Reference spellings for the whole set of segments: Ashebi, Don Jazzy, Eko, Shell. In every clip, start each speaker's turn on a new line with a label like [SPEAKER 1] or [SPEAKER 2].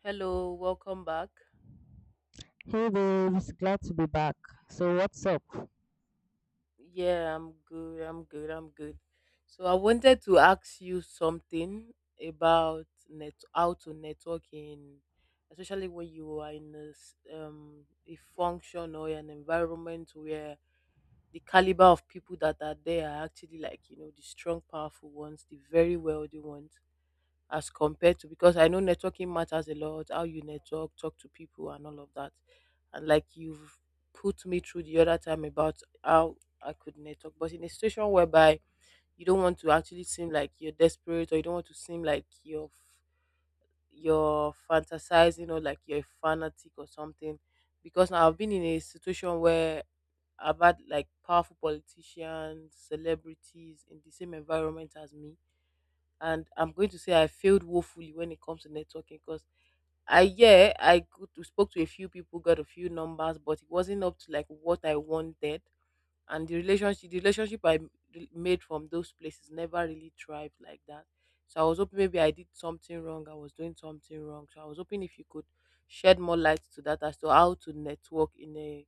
[SPEAKER 1] Hello, welcome back.
[SPEAKER 2] Hey babes, glad to be back. So what's up?
[SPEAKER 1] Yeah, I'm good. So I wanted to ask you something about net how to network in, especially when you are in a, a function or an environment where the caliber of people that are there are actually the strong, powerful ones, the very wealthy ones, as compared to, because I know networking matters a lot, how you network, talk to people, and all of that. And you've put me through the other time about how I could network, but in a situation whereby you don't want to actually seem like you're desperate or you don't want to seem like you're you're fantasizing or like you're a fanatic or something, because now I've been in a situation where I've had like powerful politicians, celebrities in the same environment as me, and I'm going to say I failed woefully when it comes to networking because I spoke to a few people, got a few numbers, but it wasn't up to like what I wanted, and the relationship I made from those places never really thrived like that. So I was hoping maybe I did something wrong, I was doing something wrong. So I was hoping if you could shed more light to that as to how to network in a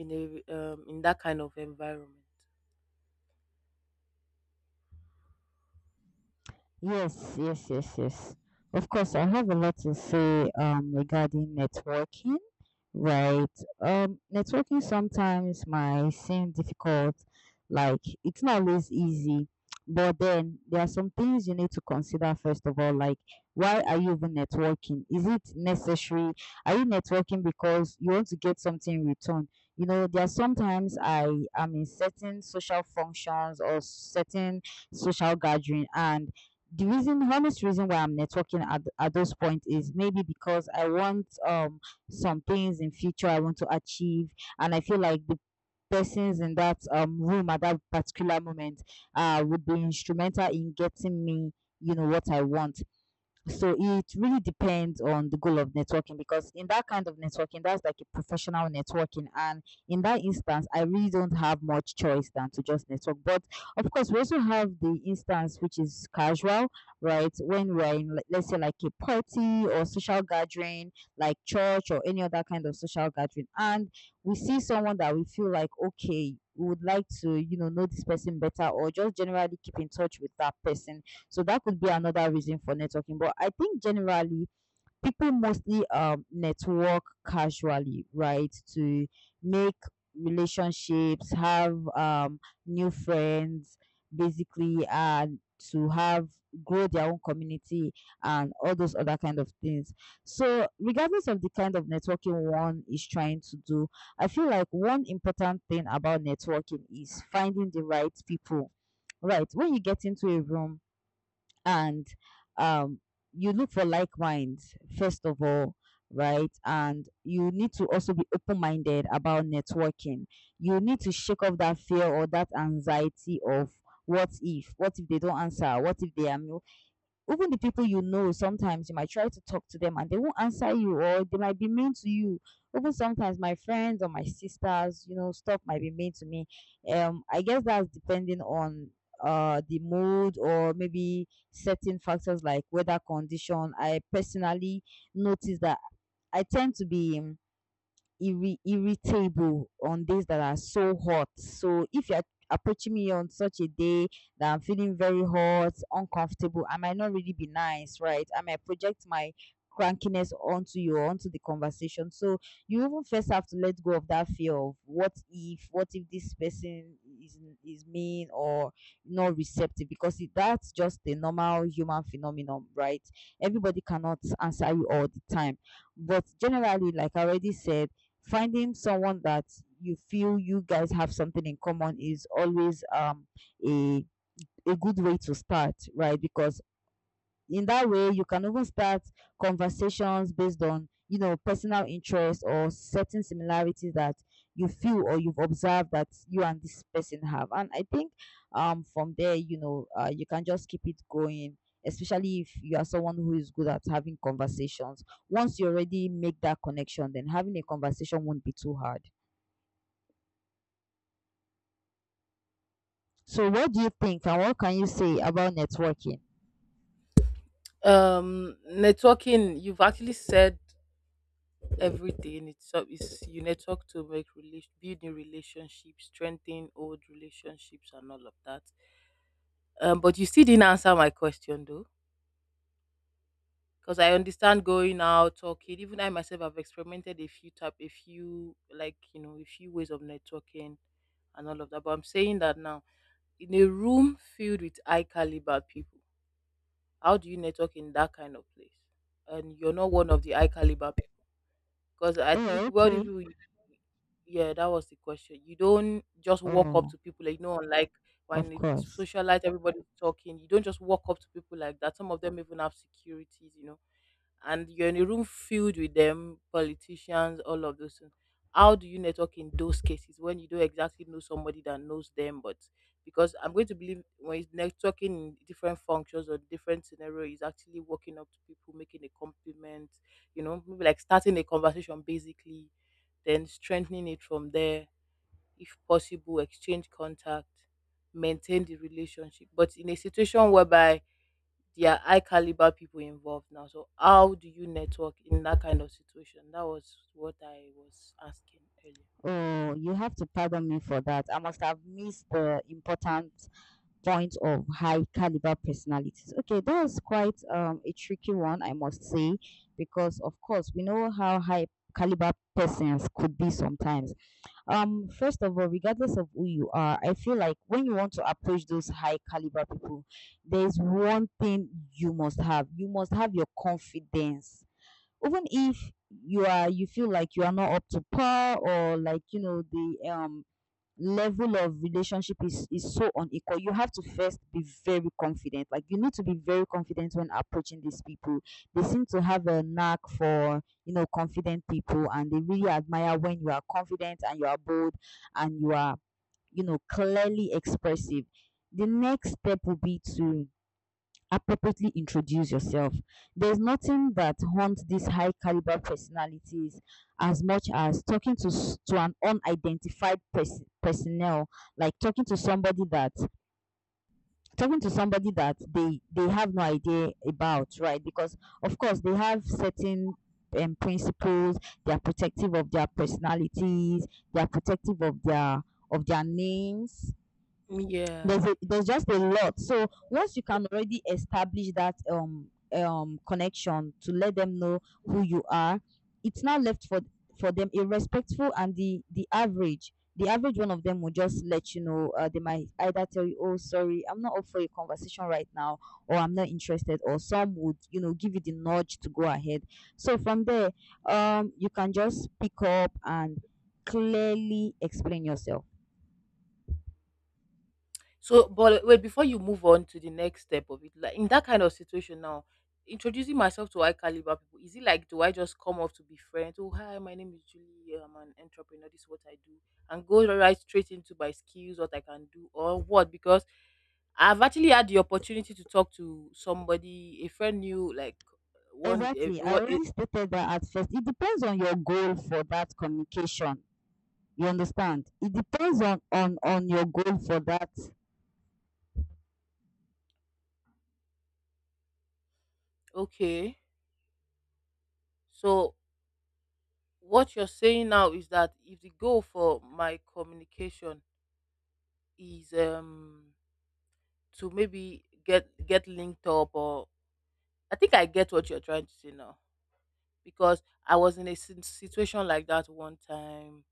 [SPEAKER 1] in a in that kind of environment.
[SPEAKER 2] Yes, yes, yes, yes. Of course, I have a lot to say regarding networking. Right. Networking sometimes might seem difficult, like it's not always easy. But then there are some things you need to consider first of all, like why are you even networking? Is it necessary? Are you networking because you want to get something in return? You know, there are sometimes I am in certain social functions or certain social gathering, and the reason honest reason why I'm networking at those points is maybe because I want some things in future I want to achieve, and I feel like the persons in that room at that particular moment would be instrumental in getting me you know what I want. So it really depends on the goal of networking, because in that kind of networking, that's like a professional networking. And in that instance, I really don't have much choice than to just network. But of course, we also have the instance which is casual, right? When we're in, like, let's say, like a party or social gathering, like church or any other kind of social gathering, and we see someone that we feel like, okay, we would like to, you know this person better or just generally keep in touch with that person, so that could be another reason for networking. But I think generally people mostly network casually, right? To make relationships, have new friends, basically, and to have grow their own community and all those other kind of things. So regardless of the kind of networking one is trying to do, I feel like one important thing about networking is finding the right people. Right. When you get into a room, and um, you look for like minds first of all, right, and you need to also be open-minded about networking. You need to shake off that fear or that anxiety of what if, what if they don't answer, what if they are, even the people you know, sometimes you might try to talk to them and they won't answer you, or they might be mean to you. Even sometimes my friends or my sisters, you know, stuff might be mean to me. I guess that's depending on the mood, or maybe certain factors like weather condition. I personally notice that I tend to be irritable on days that are so hot. So if you're approaching me on such a day that I'm feeling very hot, uncomfortable, I might not really be nice, right? I might project my crankiness onto you or onto the conversation. So you even first have to let go of that fear of what if this person is mean or not receptive, because it, that's just a normal human phenomenon, right? Everybody cannot answer you all the time. But generally, like I already said, finding someone that you feel you guys have something in common is always a a good way to start, right? Because in that way you can even start conversations based on, you know, personal interests or certain similarities that you feel or you've observed that you and this person have. And I think from there, you know, you can just keep it going, especially if you are someone who is good at having conversations. Once you already make that connection, then having a conversation won't be too hard. So what do you think and what can you say about networking?
[SPEAKER 1] Networking, you've actually said everything. It's up is you network to make relation, build new relationships, strengthen old relationships and all of that. But you still didn't answer my question though, because I understand going out talking, even I myself have experimented a few type a few a few ways of networking and all of that, but I'm saying that now in a room filled with high caliber people, how do you network in that kind of place, and you're not one of the high caliber people? Because I
[SPEAKER 2] Oh,
[SPEAKER 1] think wealthy
[SPEAKER 2] okay.
[SPEAKER 1] people, you— yeah, that was the question. You don't just walk up
[SPEAKER 2] Oh,
[SPEAKER 1] to people, like, like
[SPEAKER 2] of
[SPEAKER 1] when it's
[SPEAKER 2] course.
[SPEAKER 1] socialite, everybody's talking. You don't just walk up to people like that. Some of them even have securities, you know, and you're in a room filled with them, politicians, all of those things. How do you network in those cases when you don't exactly know somebody that knows them? But because I'm going to believe when it's networking in different functions or different scenario, is actually walking up to people, making a compliment, maybe like starting a conversation basically, then strengthening it from there. If possible, exchange contact, maintain the relationship. But in a situation whereby there are high caliber people involved now, so how do you network in that kind of situation? That was what I was asking earlier.
[SPEAKER 2] Oh, you have to pardon me for that. I must have missed the important point of high caliber personalities. Okay, that was quite a tricky one, I must say, because of course we know how high caliber persons could be sometimes. First of all, regardless of who you are, I feel like when you want to approach those high caliber people, there's one thing you must have. You must have your confidence, even if you are, you feel like you are not up to par, or like, you know, the level of relationship is so unequal, you have to first be very confident. Like, you need to be very confident when approaching these people. They seem to have a knack for, you know, confident people, and they really admire when you are confident and you are bold and you are, you know, clearly expressive. The next step will be to appropriately introduce yourself. There's nothing that haunts these high caliber personalities as much as talking to to an personnel, like talking to somebody that talking to somebody that they have no idea about, right? Because of course they have certain principles. They are protective of their personalities. They are protective of their names.
[SPEAKER 1] Yeah.
[SPEAKER 2] There's just a lot. So once you can already establish that connection to let them know who you are, it's now left for them. A respectful and the average. The average one of them will just let you know. They might either tell you, "Oh, sorry, I'm not up for a conversation right now," or "I'm not interested," or some would, you know, give you the nudge to go ahead. So from there, you can just pick up and clearly explain yourself.
[SPEAKER 1] So, but wait, before you move on to the next step of it, like in that kind of situation now, introducing myself to high caliber people, is it like do I just come off to be friends? Oh, hi, my name is Julie. I'm an entrepreneur. This is what I do, and go right straight into my skills, what I can do, or what? Because I've actually had the opportunity to talk to somebody, a friend knew like one.
[SPEAKER 2] Exactly. I
[SPEAKER 1] What?
[SPEAKER 2] already stated that at first. It depends on your goal for that communication. You understand? It depends on your goal for that.
[SPEAKER 1] Okay, so what you're saying now is that if the goal for my communication is to maybe get linked up, or I think I get what you're trying to say now, because I was in a situation like that one time,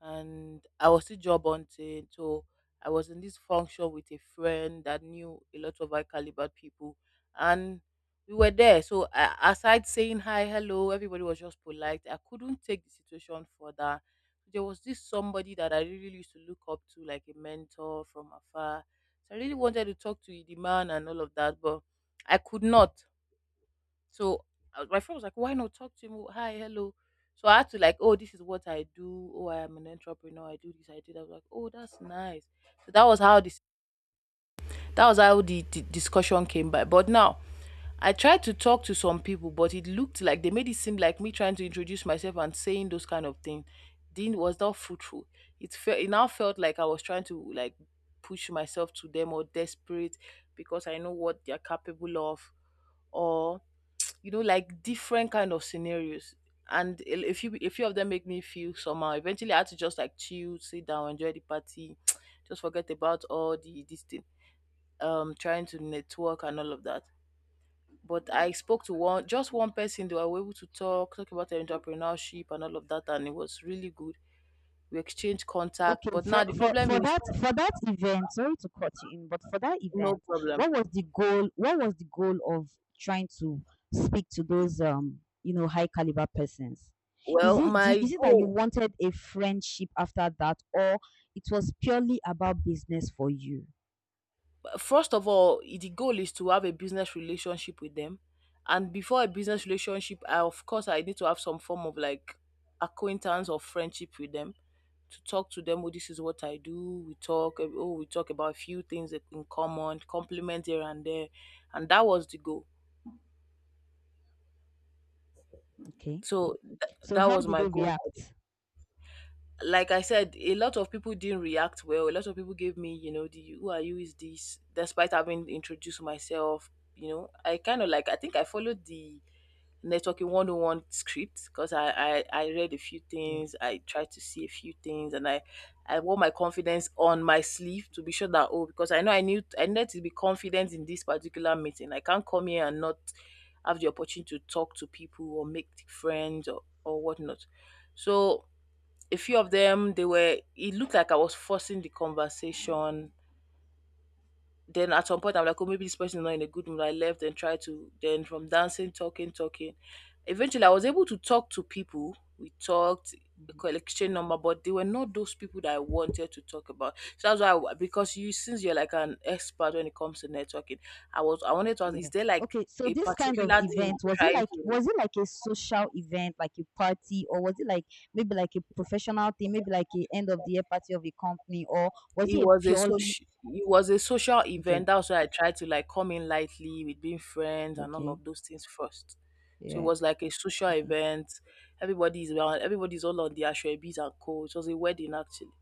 [SPEAKER 1] and I was still job hunting. So I was in this function with a friend that knew a lot of high caliber people, and we were there. So I, aside saying hi, hello, everybody was just polite. I couldn't take the situation further. There was this somebody that I really used to look up to, like a mentor from afar. So I really wanted to talk to the man and all of that, but I could not. So my friend was like, "Why not talk to him? Oh, hi, hello." So I had to like, "Oh, this is what I do. Oh, I am an entrepreneur. I do this. I do that." I was like, "Oh, that's nice." So that was how this that was how the discussion came by. But now I tried to talk to some people, but it looked like they made it seem like me trying to introduce myself and saying those kind of things didn't was not fruitful. It now felt like I was trying to like push myself to them or desperate because I know what they're capable of, or like different kind of scenarios, and a few of them make me feel somehow. Eventually I had to just like chill, sit down, enjoy the party, just forget about all the this thing, trying to network and all of that. But I spoke to one just one person, they were able to talk about entrepreneurship and all of that, and it was really good. We exchanged
[SPEAKER 2] Okay,
[SPEAKER 1] contact, but
[SPEAKER 2] for,
[SPEAKER 1] now the
[SPEAKER 2] for
[SPEAKER 1] problem
[SPEAKER 2] for
[SPEAKER 1] is—
[SPEAKER 2] that, for that event, sorry to cut you in, but for that
[SPEAKER 1] no
[SPEAKER 2] event,
[SPEAKER 1] problem.
[SPEAKER 2] what was the goal? What was the goal of trying to speak to those you know high caliber persons? Is
[SPEAKER 1] Well,
[SPEAKER 2] it do,
[SPEAKER 1] my
[SPEAKER 2] is it that you
[SPEAKER 1] goal—
[SPEAKER 2] wanted a friendship after that, or it was purely about business for you?
[SPEAKER 1] first of all, the goal is to have a business relationship with them. And before a business relationship, I, of course, I need to have some form of like acquaintance or friendship with them to talk to them. Oh, this is what I do. We talk. Oh, we talk about a few things that in common, compliment here and there. And that was the goal.
[SPEAKER 2] Okay,
[SPEAKER 1] So
[SPEAKER 2] so
[SPEAKER 1] that
[SPEAKER 2] how did
[SPEAKER 1] was my
[SPEAKER 2] they
[SPEAKER 1] goal.
[SPEAKER 2] react?
[SPEAKER 1] Like I said, a lot of people didn't react well. A lot of people gave me, you know, the who are you is this, despite having introduced myself. You know, I kind of like, I think I followed the networking 101 script because I read a few
[SPEAKER 2] Yeah.
[SPEAKER 1] things, I tried to see a few things, and I wore my confidence on my sleeve to be sure that, oh, because I know I knew I needed to be confident in this particular meeting. I can't come here and not have the opportunity to talk to people or make friends, or whatnot. So a few of them, they were, it looked like I was forcing the conversation. Then at some point I'm like, oh maybe this person is not in a good mood. I left and tried to then from dancing, talking, eventually I was able to talk to people. We talked, collection number, but they were not those people that I wanted to talk about. So that's why I, because you since you're like an expert when it comes to networking, I wanted to ask,
[SPEAKER 2] Yeah.
[SPEAKER 1] is there like
[SPEAKER 2] Okay. So
[SPEAKER 1] a
[SPEAKER 2] this kind of
[SPEAKER 1] particular thing
[SPEAKER 2] event,
[SPEAKER 1] you're
[SPEAKER 2] was it
[SPEAKER 1] trying
[SPEAKER 2] like,
[SPEAKER 1] to—
[SPEAKER 2] was it like a social event, like a party, or was it like maybe like a professional thing, maybe like a end of the year party of a company, or was it
[SPEAKER 1] it
[SPEAKER 2] a
[SPEAKER 1] was a
[SPEAKER 2] purely
[SPEAKER 1] social, it was a social
[SPEAKER 2] okay,
[SPEAKER 1] event. That's why I tried to like come in lightly with being friends and all
[SPEAKER 2] okay,
[SPEAKER 1] of those things first. So it
[SPEAKER 2] yeah,
[SPEAKER 1] was like a social
[SPEAKER 2] okay.
[SPEAKER 1] event. Everybody's around. Everybody's all on the ashwebis and co. It was a wedding actually,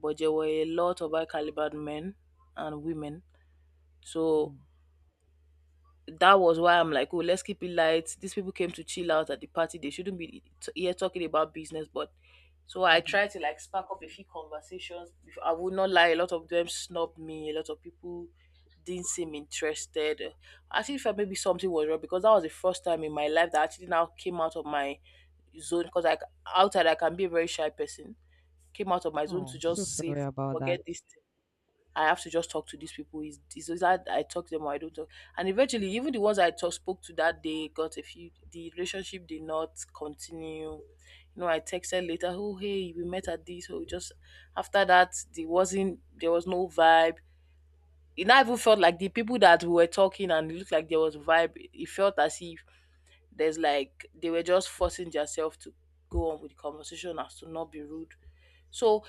[SPEAKER 1] but there were a lot of high caliber men and women. So
[SPEAKER 2] Mm.
[SPEAKER 1] that was why I'm like, oh, let's keep it light. These people came to chill out at the party. They shouldn't be here talking about business. But so I
[SPEAKER 2] Mm-hmm.
[SPEAKER 1] tried to like spark up a few conversations. I would not lie, a lot of them snubbed me. A lot of people didn't seem interested. I actually felt maybe something was wrong because that was the first time in my life that I actually now came out of my zone. Because like outside, I can be a very shy person. Came out of my zone
[SPEAKER 2] Oh,
[SPEAKER 1] to
[SPEAKER 2] so
[SPEAKER 1] just say,
[SPEAKER 2] sorry about that.
[SPEAKER 1] forget this thing. I have to just talk to these people. Is that I talk to them or I don't talk? And eventually, even the ones I spoke to that day, got a few, the relationship did not continue. You know, I texted later. Oh, hey, we met at this. Oh, just after that, there wasn't. There was no vibe. It not even felt like the people that we were talking and it looked like there was vibe. It felt as if there's like they were just forcing themselves to go on with the conversation as to not be rude. So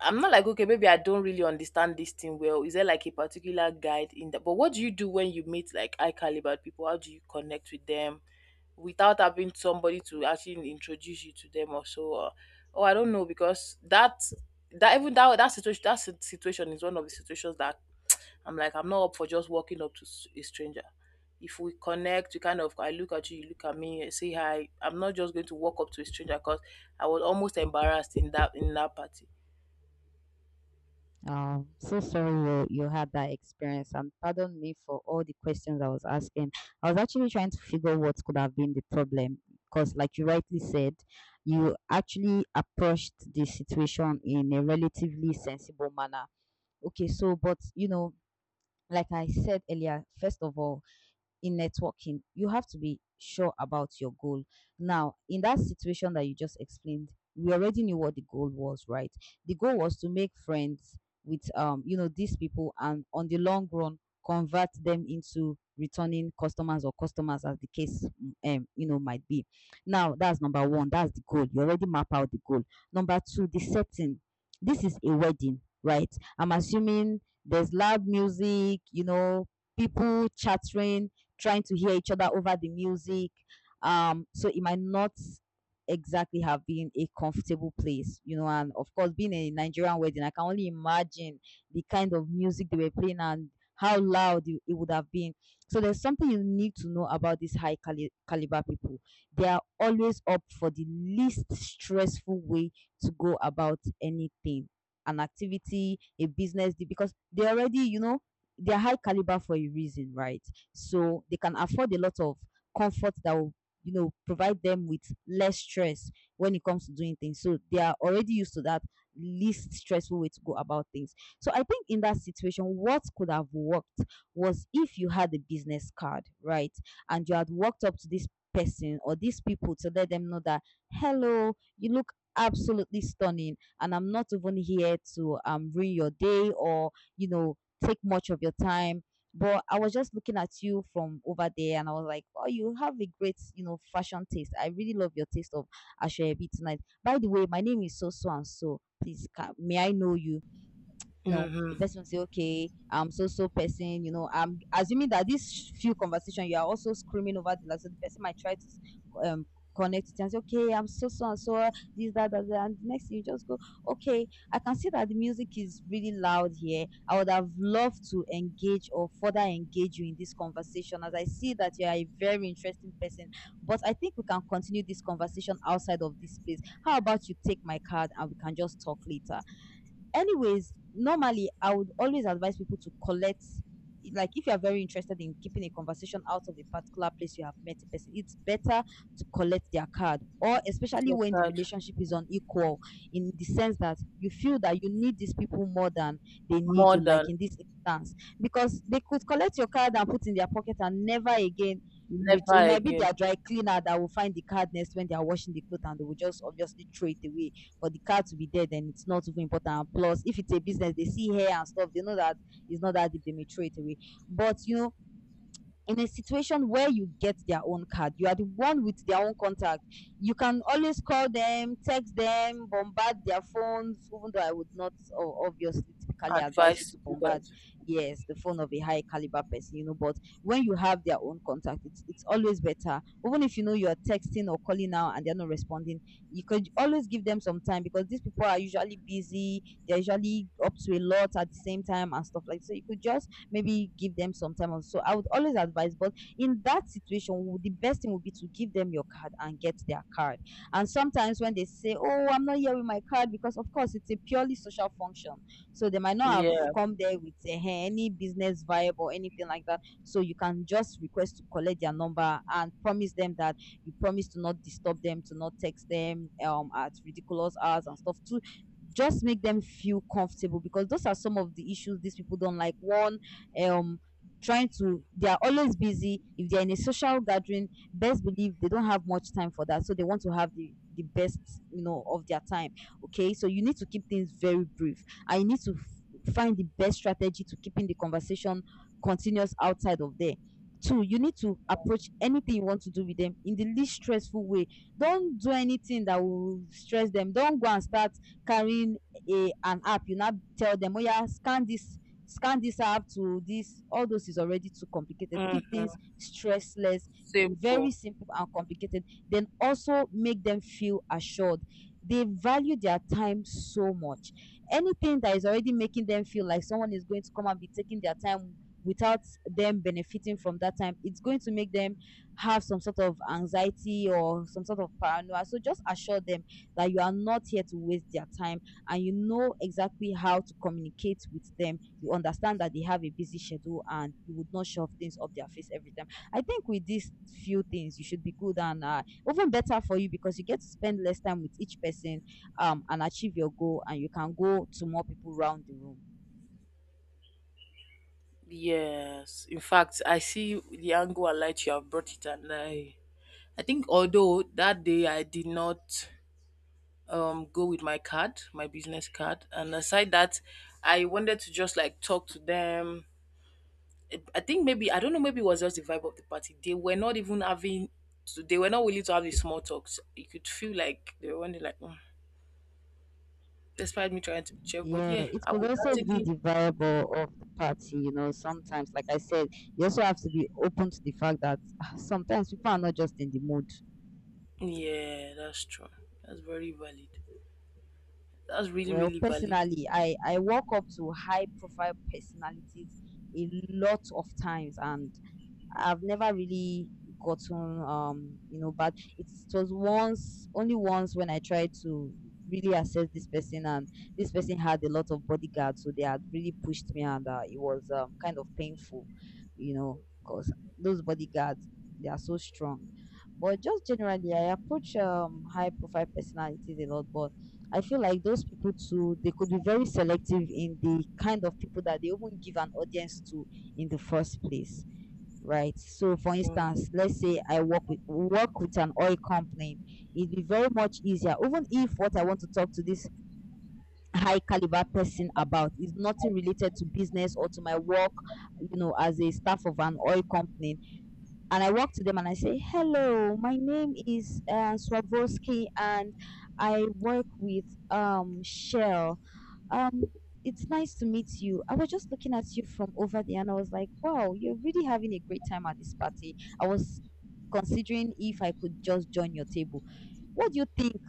[SPEAKER 1] I'm not like okay, maybe I don't really understand this thing well. Is there like a particular guide in that? But what do you do when you meet like high caliber people? How do you connect with them without having somebody to actually introduce you to them or so? Oh, I don't know because that situation, that situation is one of the situations that I'm like I'm not up for just walking up to a stranger. If we connect, you kind of I look at you, you look at me, I say hi. I'm not just going to walk up to a stranger because I was almost embarrassed in that party.
[SPEAKER 2] So sorry you you had that experience, and pardon me for all the questions I was asking. I was actually trying to figure what could have been the problem, because like you rightly said, you actually approached the situation in a relatively sensible manner. Okay, so but you know, like I said earlier, first of all, in networking, you have to be sure about your goal. Now, in that situation that you just explained, we already knew what the goal was, right? The goal was to make friends with, you know, these people, and on the long run convert them into returning customers or customers as the case you know might be. Now, that's number 1, that's the goal. You already map out the goal. Number 2, the setting. This is a wedding, right? I'm assuming there's loud music, you know, people chattering, trying to hear each other over the music. So it might not exactly have been a comfortable place, you know. And of course, being a Nigerian wedding, I can only imagine the kind of music they were playing and how loud it would have been. So there's something you need to know about these caliber people. They are always up for the least stressful way to go about anything, an activity, a business, deal, because they already, you know, they're high caliber for a reason, right? So they can afford a lot of comfort that will, you know, provide them with less stress when it comes to doing things. So they are already used to that least stressful way to go about things. So I think in that situation, what could have worked was if you had a business card, right? And you had walked up to this person or these people to let them know that, hello, you look absolutely stunning, and I'm not even here to ruin your day or, you know, take much of your time, but I was just looking at you from over there, and I was like, "Oh, you have a great, you know, fashion taste. I really love your taste of Ashebi tonight." By the way, my name is so so and so. Please, may I know you? You know the
[SPEAKER 1] Mm-hmm.
[SPEAKER 2] person will say, okay, I'm so so person, you know, I'm assuming that this few conversation you are also screaming over the like. So the person might try to um connect it and say, okay, I'm so so and so, this that, that and the next thing you just go okay. I can see that the music is really loud here. I would have loved to engage or further engage you in this conversation as I see that you are a very interesting person, but I think we can continue this conversation outside of this place. How about you take my card and we can just talk later? Anyways, normally I would always advise people to collect, like if you are very interested in keeping a conversation out of a particular place you have met a person, it's better to collect their card, or especially
[SPEAKER 1] Dear
[SPEAKER 2] when the
[SPEAKER 1] God,
[SPEAKER 2] relationship is unequal, in the sense that you feel that you need these people more than they need
[SPEAKER 1] more
[SPEAKER 2] you, like
[SPEAKER 1] than—
[SPEAKER 2] in this instance, because they could collect your card and put in their pocket and never again
[SPEAKER 1] never
[SPEAKER 2] return. It might be
[SPEAKER 1] again.
[SPEAKER 2] their dry cleaner that will find the card next when they are washing the clothes, and they will just obviously throw it away. For the car to be there, then it's not even important. Plus, if it's a business, they see hair and stuff, they know that it's not that deep, they may throw it away. But you know, in a situation where you get their own card, you are the one with their own contact. You can always call them, text them, bombard their phones, even though I would not obviously typically advise you
[SPEAKER 1] Advice to
[SPEAKER 2] to
[SPEAKER 1] do
[SPEAKER 2] bombard,
[SPEAKER 1] that.
[SPEAKER 2] yes, the phone of a high caliber person, you know, but when you have their own contact, it's always better. Even if you know you're texting or calling now and they're not responding, you could always give them some time, because these people are usually busy, they're usually up to a lot at the same time and stuff like. So you could just maybe give them some time off. So I would always advise, but in that situation, the best thing would be to give them your card and get their card. And sometimes when they say, oh, I'm not here with my card, because of course it's a purely social function, so they might not have
[SPEAKER 1] Yeah.
[SPEAKER 2] come there with any business vibe or anything like that. So you can just request to collect their number and promise them that you promise to not disturb them, to not text them at ridiculous hours and stuff, to just make them feel comfortable, because those are some of the issues these people don't like. One, um trying to, they are always busy. If they're in a social gathering, best believe they don't have much time for that, so they want to have the best, you know, of their time. Okay, so you need to keep things very brief, and you need to find the best strategy to keeping the conversation continuous outside of there. Two, you need to approach anything you want to do with them in the least stressful way. Don't do anything that will stress them. Don't go and start carrying a an app, you now tell them, oh yeah, scan this, scan this app to this. All those is already too complicated. Keep things
[SPEAKER 1] Mm-hmm.
[SPEAKER 2] stressless, very
[SPEAKER 1] Simple.
[SPEAKER 2] simple and complicated. Then also make them feel assured. They value their time so much. Anything that is already making them feel like someone is going to come and be taking their time without them benefiting from that time, it's going to make them have some sort of anxiety or some sort of paranoia. So just assure them that you are not here to waste their time, and you know exactly how to communicate with them, you understand that they have a busy schedule and you would not shove things up their face every time. I think with these few things, you should be good and even better for you, because you get to spend less time with each person, and achieve your goal, and you can go to more people around the room.
[SPEAKER 1] Yes. In fact, I see the angle and light you have brought it, and I think although that day I did not go with my card, my business card, and aside that, I wanted to just like talk to them. I think maybe I don't know. Maybe it was just the vibe of the party. They were not even having. So they were not willing to have the small talks. You could feel like they were only like, "Mm," despite me trying to be cheerful. But
[SPEAKER 2] Yeah,
[SPEAKER 1] yeah,
[SPEAKER 2] it
[SPEAKER 1] I
[SPEAKER 2] could
[SPEAKER 1] would
[SPEAKER 2] also be
[SPEAKER 1] actually.
[SPEAKER 2] the variable of the party. You know, sometimes, like I said, you also have to be open to the fact that ah, sometimes people are not just in the mood.
[SPEAKER 1] Yeah, that's true. That's very valid. That's really
[SPEAKER 2] Well,
[SPEAKER 1] really valid.
[SPEAKER 2] personally, I walk up to high profile personalities a lot of times, and I've never really gotten you know bad. It was once, only once, when I tried to really assess this person, and this person had a lot of bodyguards, so they had really pushed me, and it was kind of painful, you know, because those bodyguards, they are so strong. But just generally I approach high profile personalities a lot, but I feel like those people too, they could be very selective in the kind of people that they even give an audience to in the first place, right? So, for
[SPEAKER 1] Mm.
[SPEAKER 2] instance, let's say I work with an oil company, it'd be very much easier, even if what I want to talk to this high caliber person about is nothing related to business or to my work, you know, as a staff of an oil company. And I walk to them and I say, "Hello, my name is Swarovski, and I work with Shell." Um, it's nice to meet you. I was just looking at you from over there and I was like, wow, you're really having a great time at this party. I was considering if I could just join your table. What do you think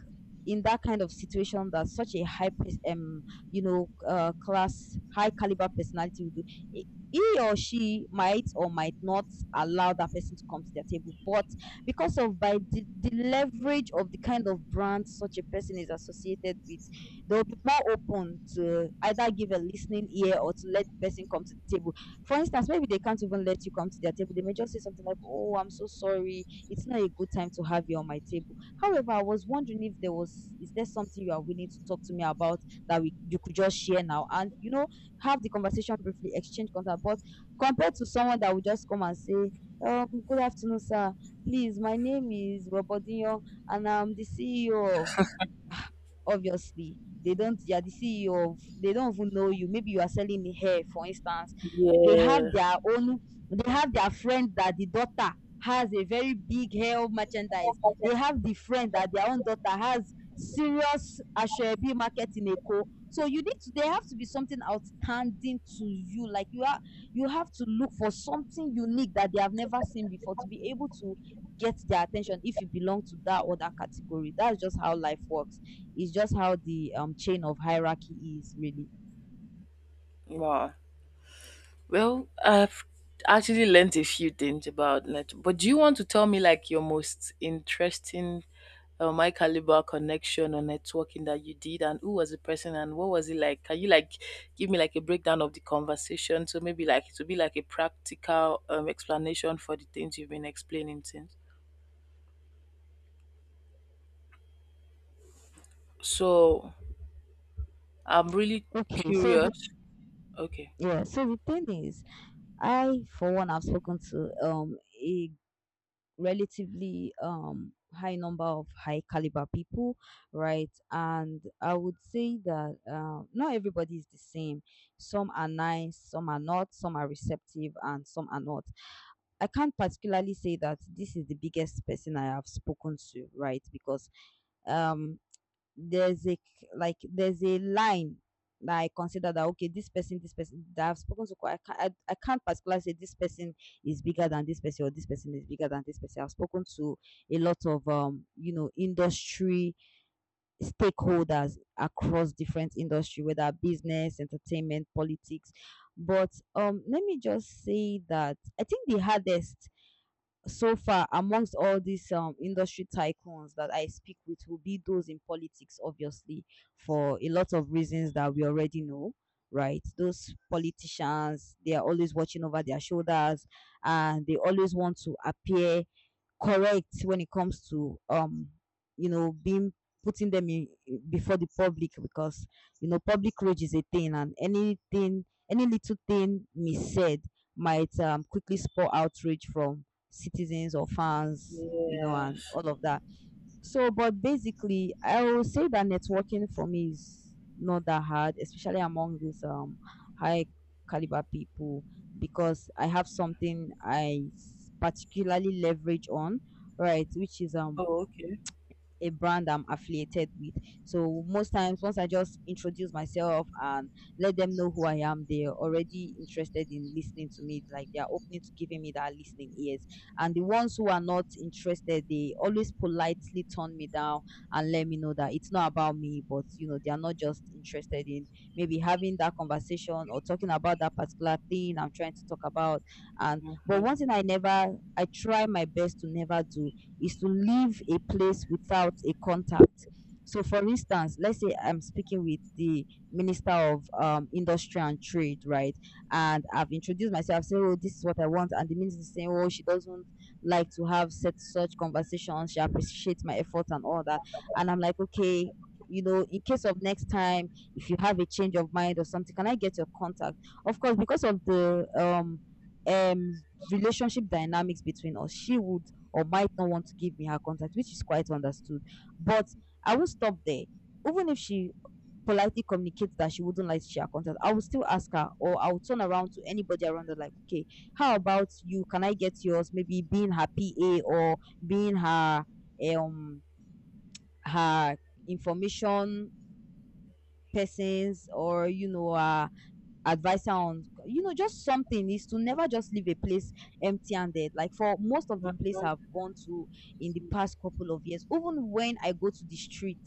[SPEAKER 2] in that kind of situation that such a high, you know, class, high caliber personality would do? I- He or she might or might not allow that person to come to their table, but because of by the leverage of the kind of brand such a person is associated with, they'll be more open to either give a listening ear or to let the person come to the table. For instance, maybe they can't even let you come to their table. They may just say something like, oh, I'm so sorry, it's not a good time to have you on my table. However, I was wondering if is there something you are willing to talk to me about that you could just share now? And, you know, have the conversation briefly, exchange contact. But compared to someone that would just come and say, good afternoon, sir. Please, my name is Robodinho and I'm the CEO of Obviously, they don't they are the CEO of, they don't even know you. Maybe you are selling the hair, for instance. They have
[SPEAKER 1] Yeah.
[SPEAKER 2] their own, they have their friend that the daughter has a very big hair merchandise. They have the friend that their own daughter has serious Ashwebi market in Eko. So you need to, there have to be something outstanding to you. Like you are, you have to look for something unique that they have never seen before to be able to get their attention if you belong to that other category. That's just how life works. It's just how the chain of hierarchy is really.
[SPEAKER 1] Wow. Well, I've actually learnt a few things about net, but do you want to tell me like your most interesting my caliber connection or networking that you did, and who was the person and what was it like? Can you like give me like a breakdown of the conversation? So maybe like it will be like a practical explanation for the things you've been explaining since. So I'm really
[SPEAKER 2] Okay, so the
[SPEAKER 1] curious. Okay.
[SPEAKER 2] yeah, so the thing is, I for one have spoken to a relatively high number of high caliber people, right? And I would say that not everybody is the same. Some are nice, some are not, some are receptive, and some are not. I can't particularly say that this is the biggest person I have spoken to, right? Because um there's a like there's a line that I consider that okay, this person that I've spoken to, I can't, I can't particularly say this person is bigger than this person or this person is bigger than this person. I've spoken to a lot of you know, industry stakeholders across different industry, whether business, entertainment, politics. But let me just say that I think the hardest so far amongst all these industry tycoons that I speak with will be those in politics, obviously, for a lot of reasons that we already know, right? Those politicians, they are always watching over their shoulders, and they always want to appear correct when it comes to you know being, putting them in before the public, because you know public rage is a thing, and anything any little thing missaid might quickly spur outrage from citizens or fans, you know, and
[SPEAKER 1] Yes.
[SPEAKER 2] all of that. So, but basically, I will say that networking for me is not that hard, especially among these high caliber people, because I have something I particularly leverage on, right? Which is
[SPEAKER 1] Oh, okay.
[SPEAKER 2] a brand I'm affiliated with. So most times, once I just introduce myself and let them know who I am, they're already interested in listening to me. Like they're opening to giving me that listening ears. And the ones who are not interested, they always politely turn me down and let me know that it's not about me, but you know, they are not just interested in maybe having that conversation or talking about that particular thing I'm trying to talk about. And but one
[SPEAKER 1] Hmm.
[SPEAKER 2] thing I never I try my best to never do is to leave a place without a contact. So, for instance, let's say I'm speaking with the Minister of Industry and Trade, right? And I've introduced myself, say, "Oh, this is what I want," and the minister is saying, "Oh, she doesn't like to have such such conversations. She appreciates my effort and all that." And I'm like, "Okay." You know, in case of next time, if you have a change of mind or something, can I get your contact? Of course, because of the um relationship dynamics between us, she would or might not want to give me her contact, which is quite understood. But I won't stop there. Even if she politely communicates that she wouldn't like to share her contact, I will still ask her or I'll turn around to anybody around her like, okay, how about you? Can I get yours? Maybe being her PA or being um her information persons or you know her advice on you know just something is to never just leave a place empty-handed, like for most of the place I've gone to in the past couple of years. Even when I go to the street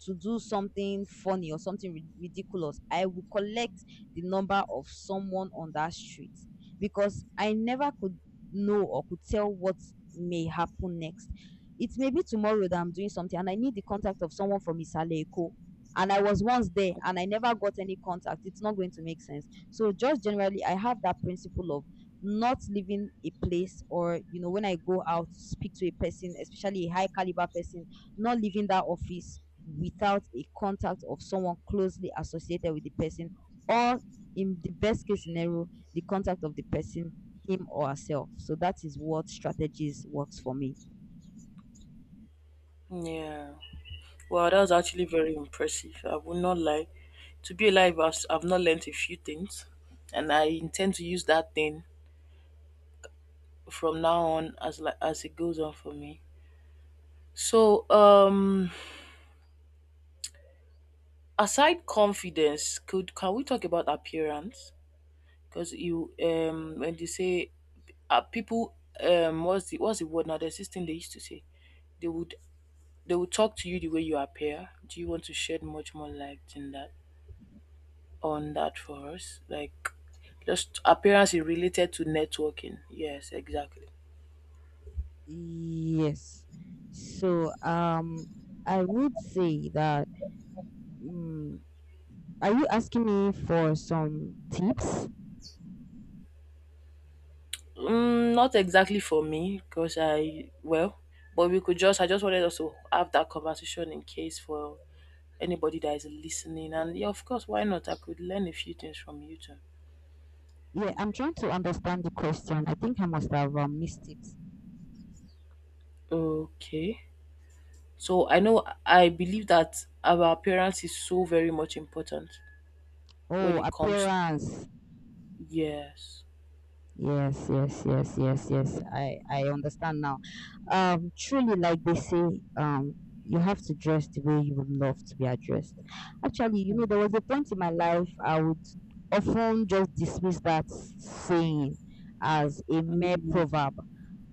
[SPEAKER 2] to do something funny or something ridiculous, I will collect the number of someone on that street, because I never could know or could tell what may happen next. It may be tomorrow that I'm doing something and I need the contact of someone from isaleko, and I was once there and I never got any contact, it's not going to make sense. So just generally, I have that principle of not leaving a place, or you know when I go out speak to a person, especially a high caliber person, not leaving that office without a contact of someone closely associated with the person, or in the best case scenario, the contact of the person him or herself. So that is what strategies works for me.
[SPEAKER 1] Yeah. Wow, that was actually very impressive. I will not lie. To be alive, I've not learnt a few things, and I intend to use that thing from now on as as it goes on for me. So, aside confidence, could can we talk about appearance? Because you when they say people, what's the word now? There's this thing they used to say. They would they would talk to you the way you appear. Do you want to shed much more light in that? On that for us. Like just appearance is related to networking. Yes, exactly.
[SPEAKER 2] Yes, so I would say that. Mm, are you asking me for some tips?
[SPEAKER 1] Mm, not exactly for me because I well, but we could just I just wanted us to have that conversation in case for anybody that is listening. And yeah, of course, why not? I could learn a few things from you too.
[SPEAKER 2] Yeah, I'm trying to understand the question. I think I must have missed tips.
[SPEAKER 1] Okay. So I know I believe that our appearance is so very much important
[SPEAKER 2] Oh,
[SPEAKER 1] when it comes,
[SPEAKER 2] appearance.
[SPEAKER 1] yes.
[SPEAKER 2] Yes, yes, yes, yes, yes. I understand now. Truly, like they say, um, you have to dress the way you would love to be addressed. Actually, you know, there was a point in my life I would often just dismiss that saying as a mere
[SPEAKER 1] Mm,
[SPEAKER 2] proverb.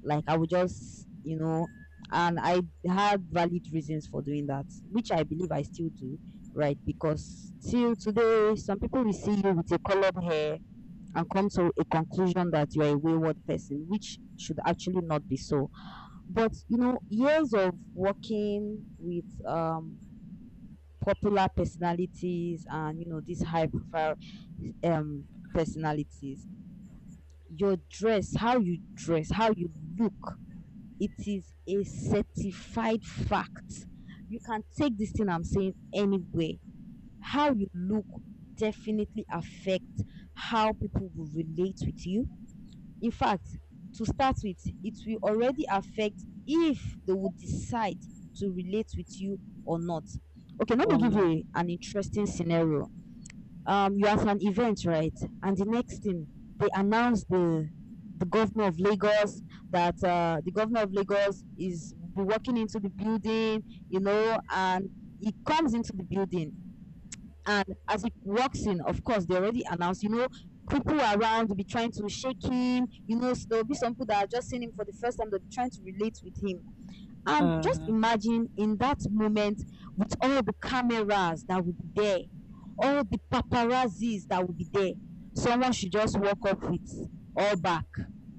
[SPEAKER 2] Like I would just, you know, and I had valid reasons for doing that, which I believe I still do, right? Because till today, some people will see you with a colored hair and come to a conclusion that you are a wayward person, which should actually not be so. But you know, years of working with popular personalities and you know these high profile personalities, your dress, how you look, it is a certified fact. You can take this thing I'm saying anywhere. How you look definitely affects how people will relate with you. In fact, to start with, it will already affect if they would decide to relate with you or not. Okay, let me
[SPEAKER 1] or
[SPEAKER 2] give
[SPEAKER 1] not.
[SPEAKER 2] you an interesting scenario. You're at an event, right? And the next thing they announce the governor of Lagos, that the governor of Lagos is be walking into the building, you know, and he comes into the building, and as he walks in, of course, they already announced, you know, people around will be trying to shake him. You know, so there'll be some people that are just seeing him for the first time, they'll be trying to relate with him. And just
[SPEAKER 1] Mhm.
[SPEAKER 2] imagine in that moment, with all the cameras that will be there, all the paparazzis that will be there, someone should just walk up with all back,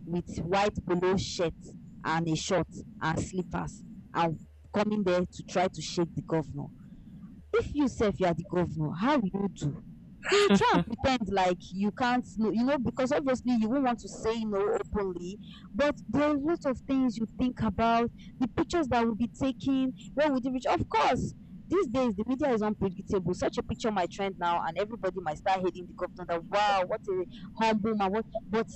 [SPEAKER 2] with white polo shirt and a short and slippers and coming there to try to shake the governor. If you sef you are the governor, how will you do? You will try and pretend like you can't know, you know, because obviously you won't want to say no openly, but there are a lot of things you think about, the pictures that will be taken, where would it reach? Of course, these days the media is unpredictable. Such a picture might trend now and everybody might start hailing the governor that wow, what a humble man, what, but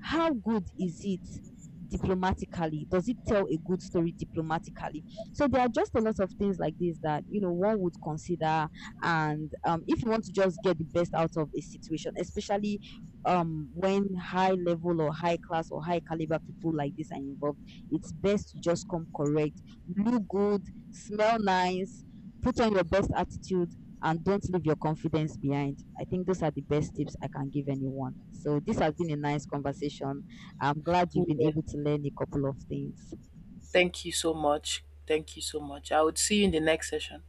[SPEAKER 2] how good is it diplomatically? Does it tell a good story diplomatically? So there are just a lot of things like this that you know one would consider, and if you want to just get the best out of a situation, especially when high level or high class or high caliber people like this are involved, it's best you just come correct, look good, smell nice, put on your best attitude. And don't leave your confidence behind. I think those are the best tips I can give anyone. So, this has been a nice conversation. I'm glad you've been
[SPEAKER 1] Yes.
[SPEAKER 2] able to learn a couple of things.
[SPEAKER 1] Thank you so much. Thank you so much. I would see you in the next session.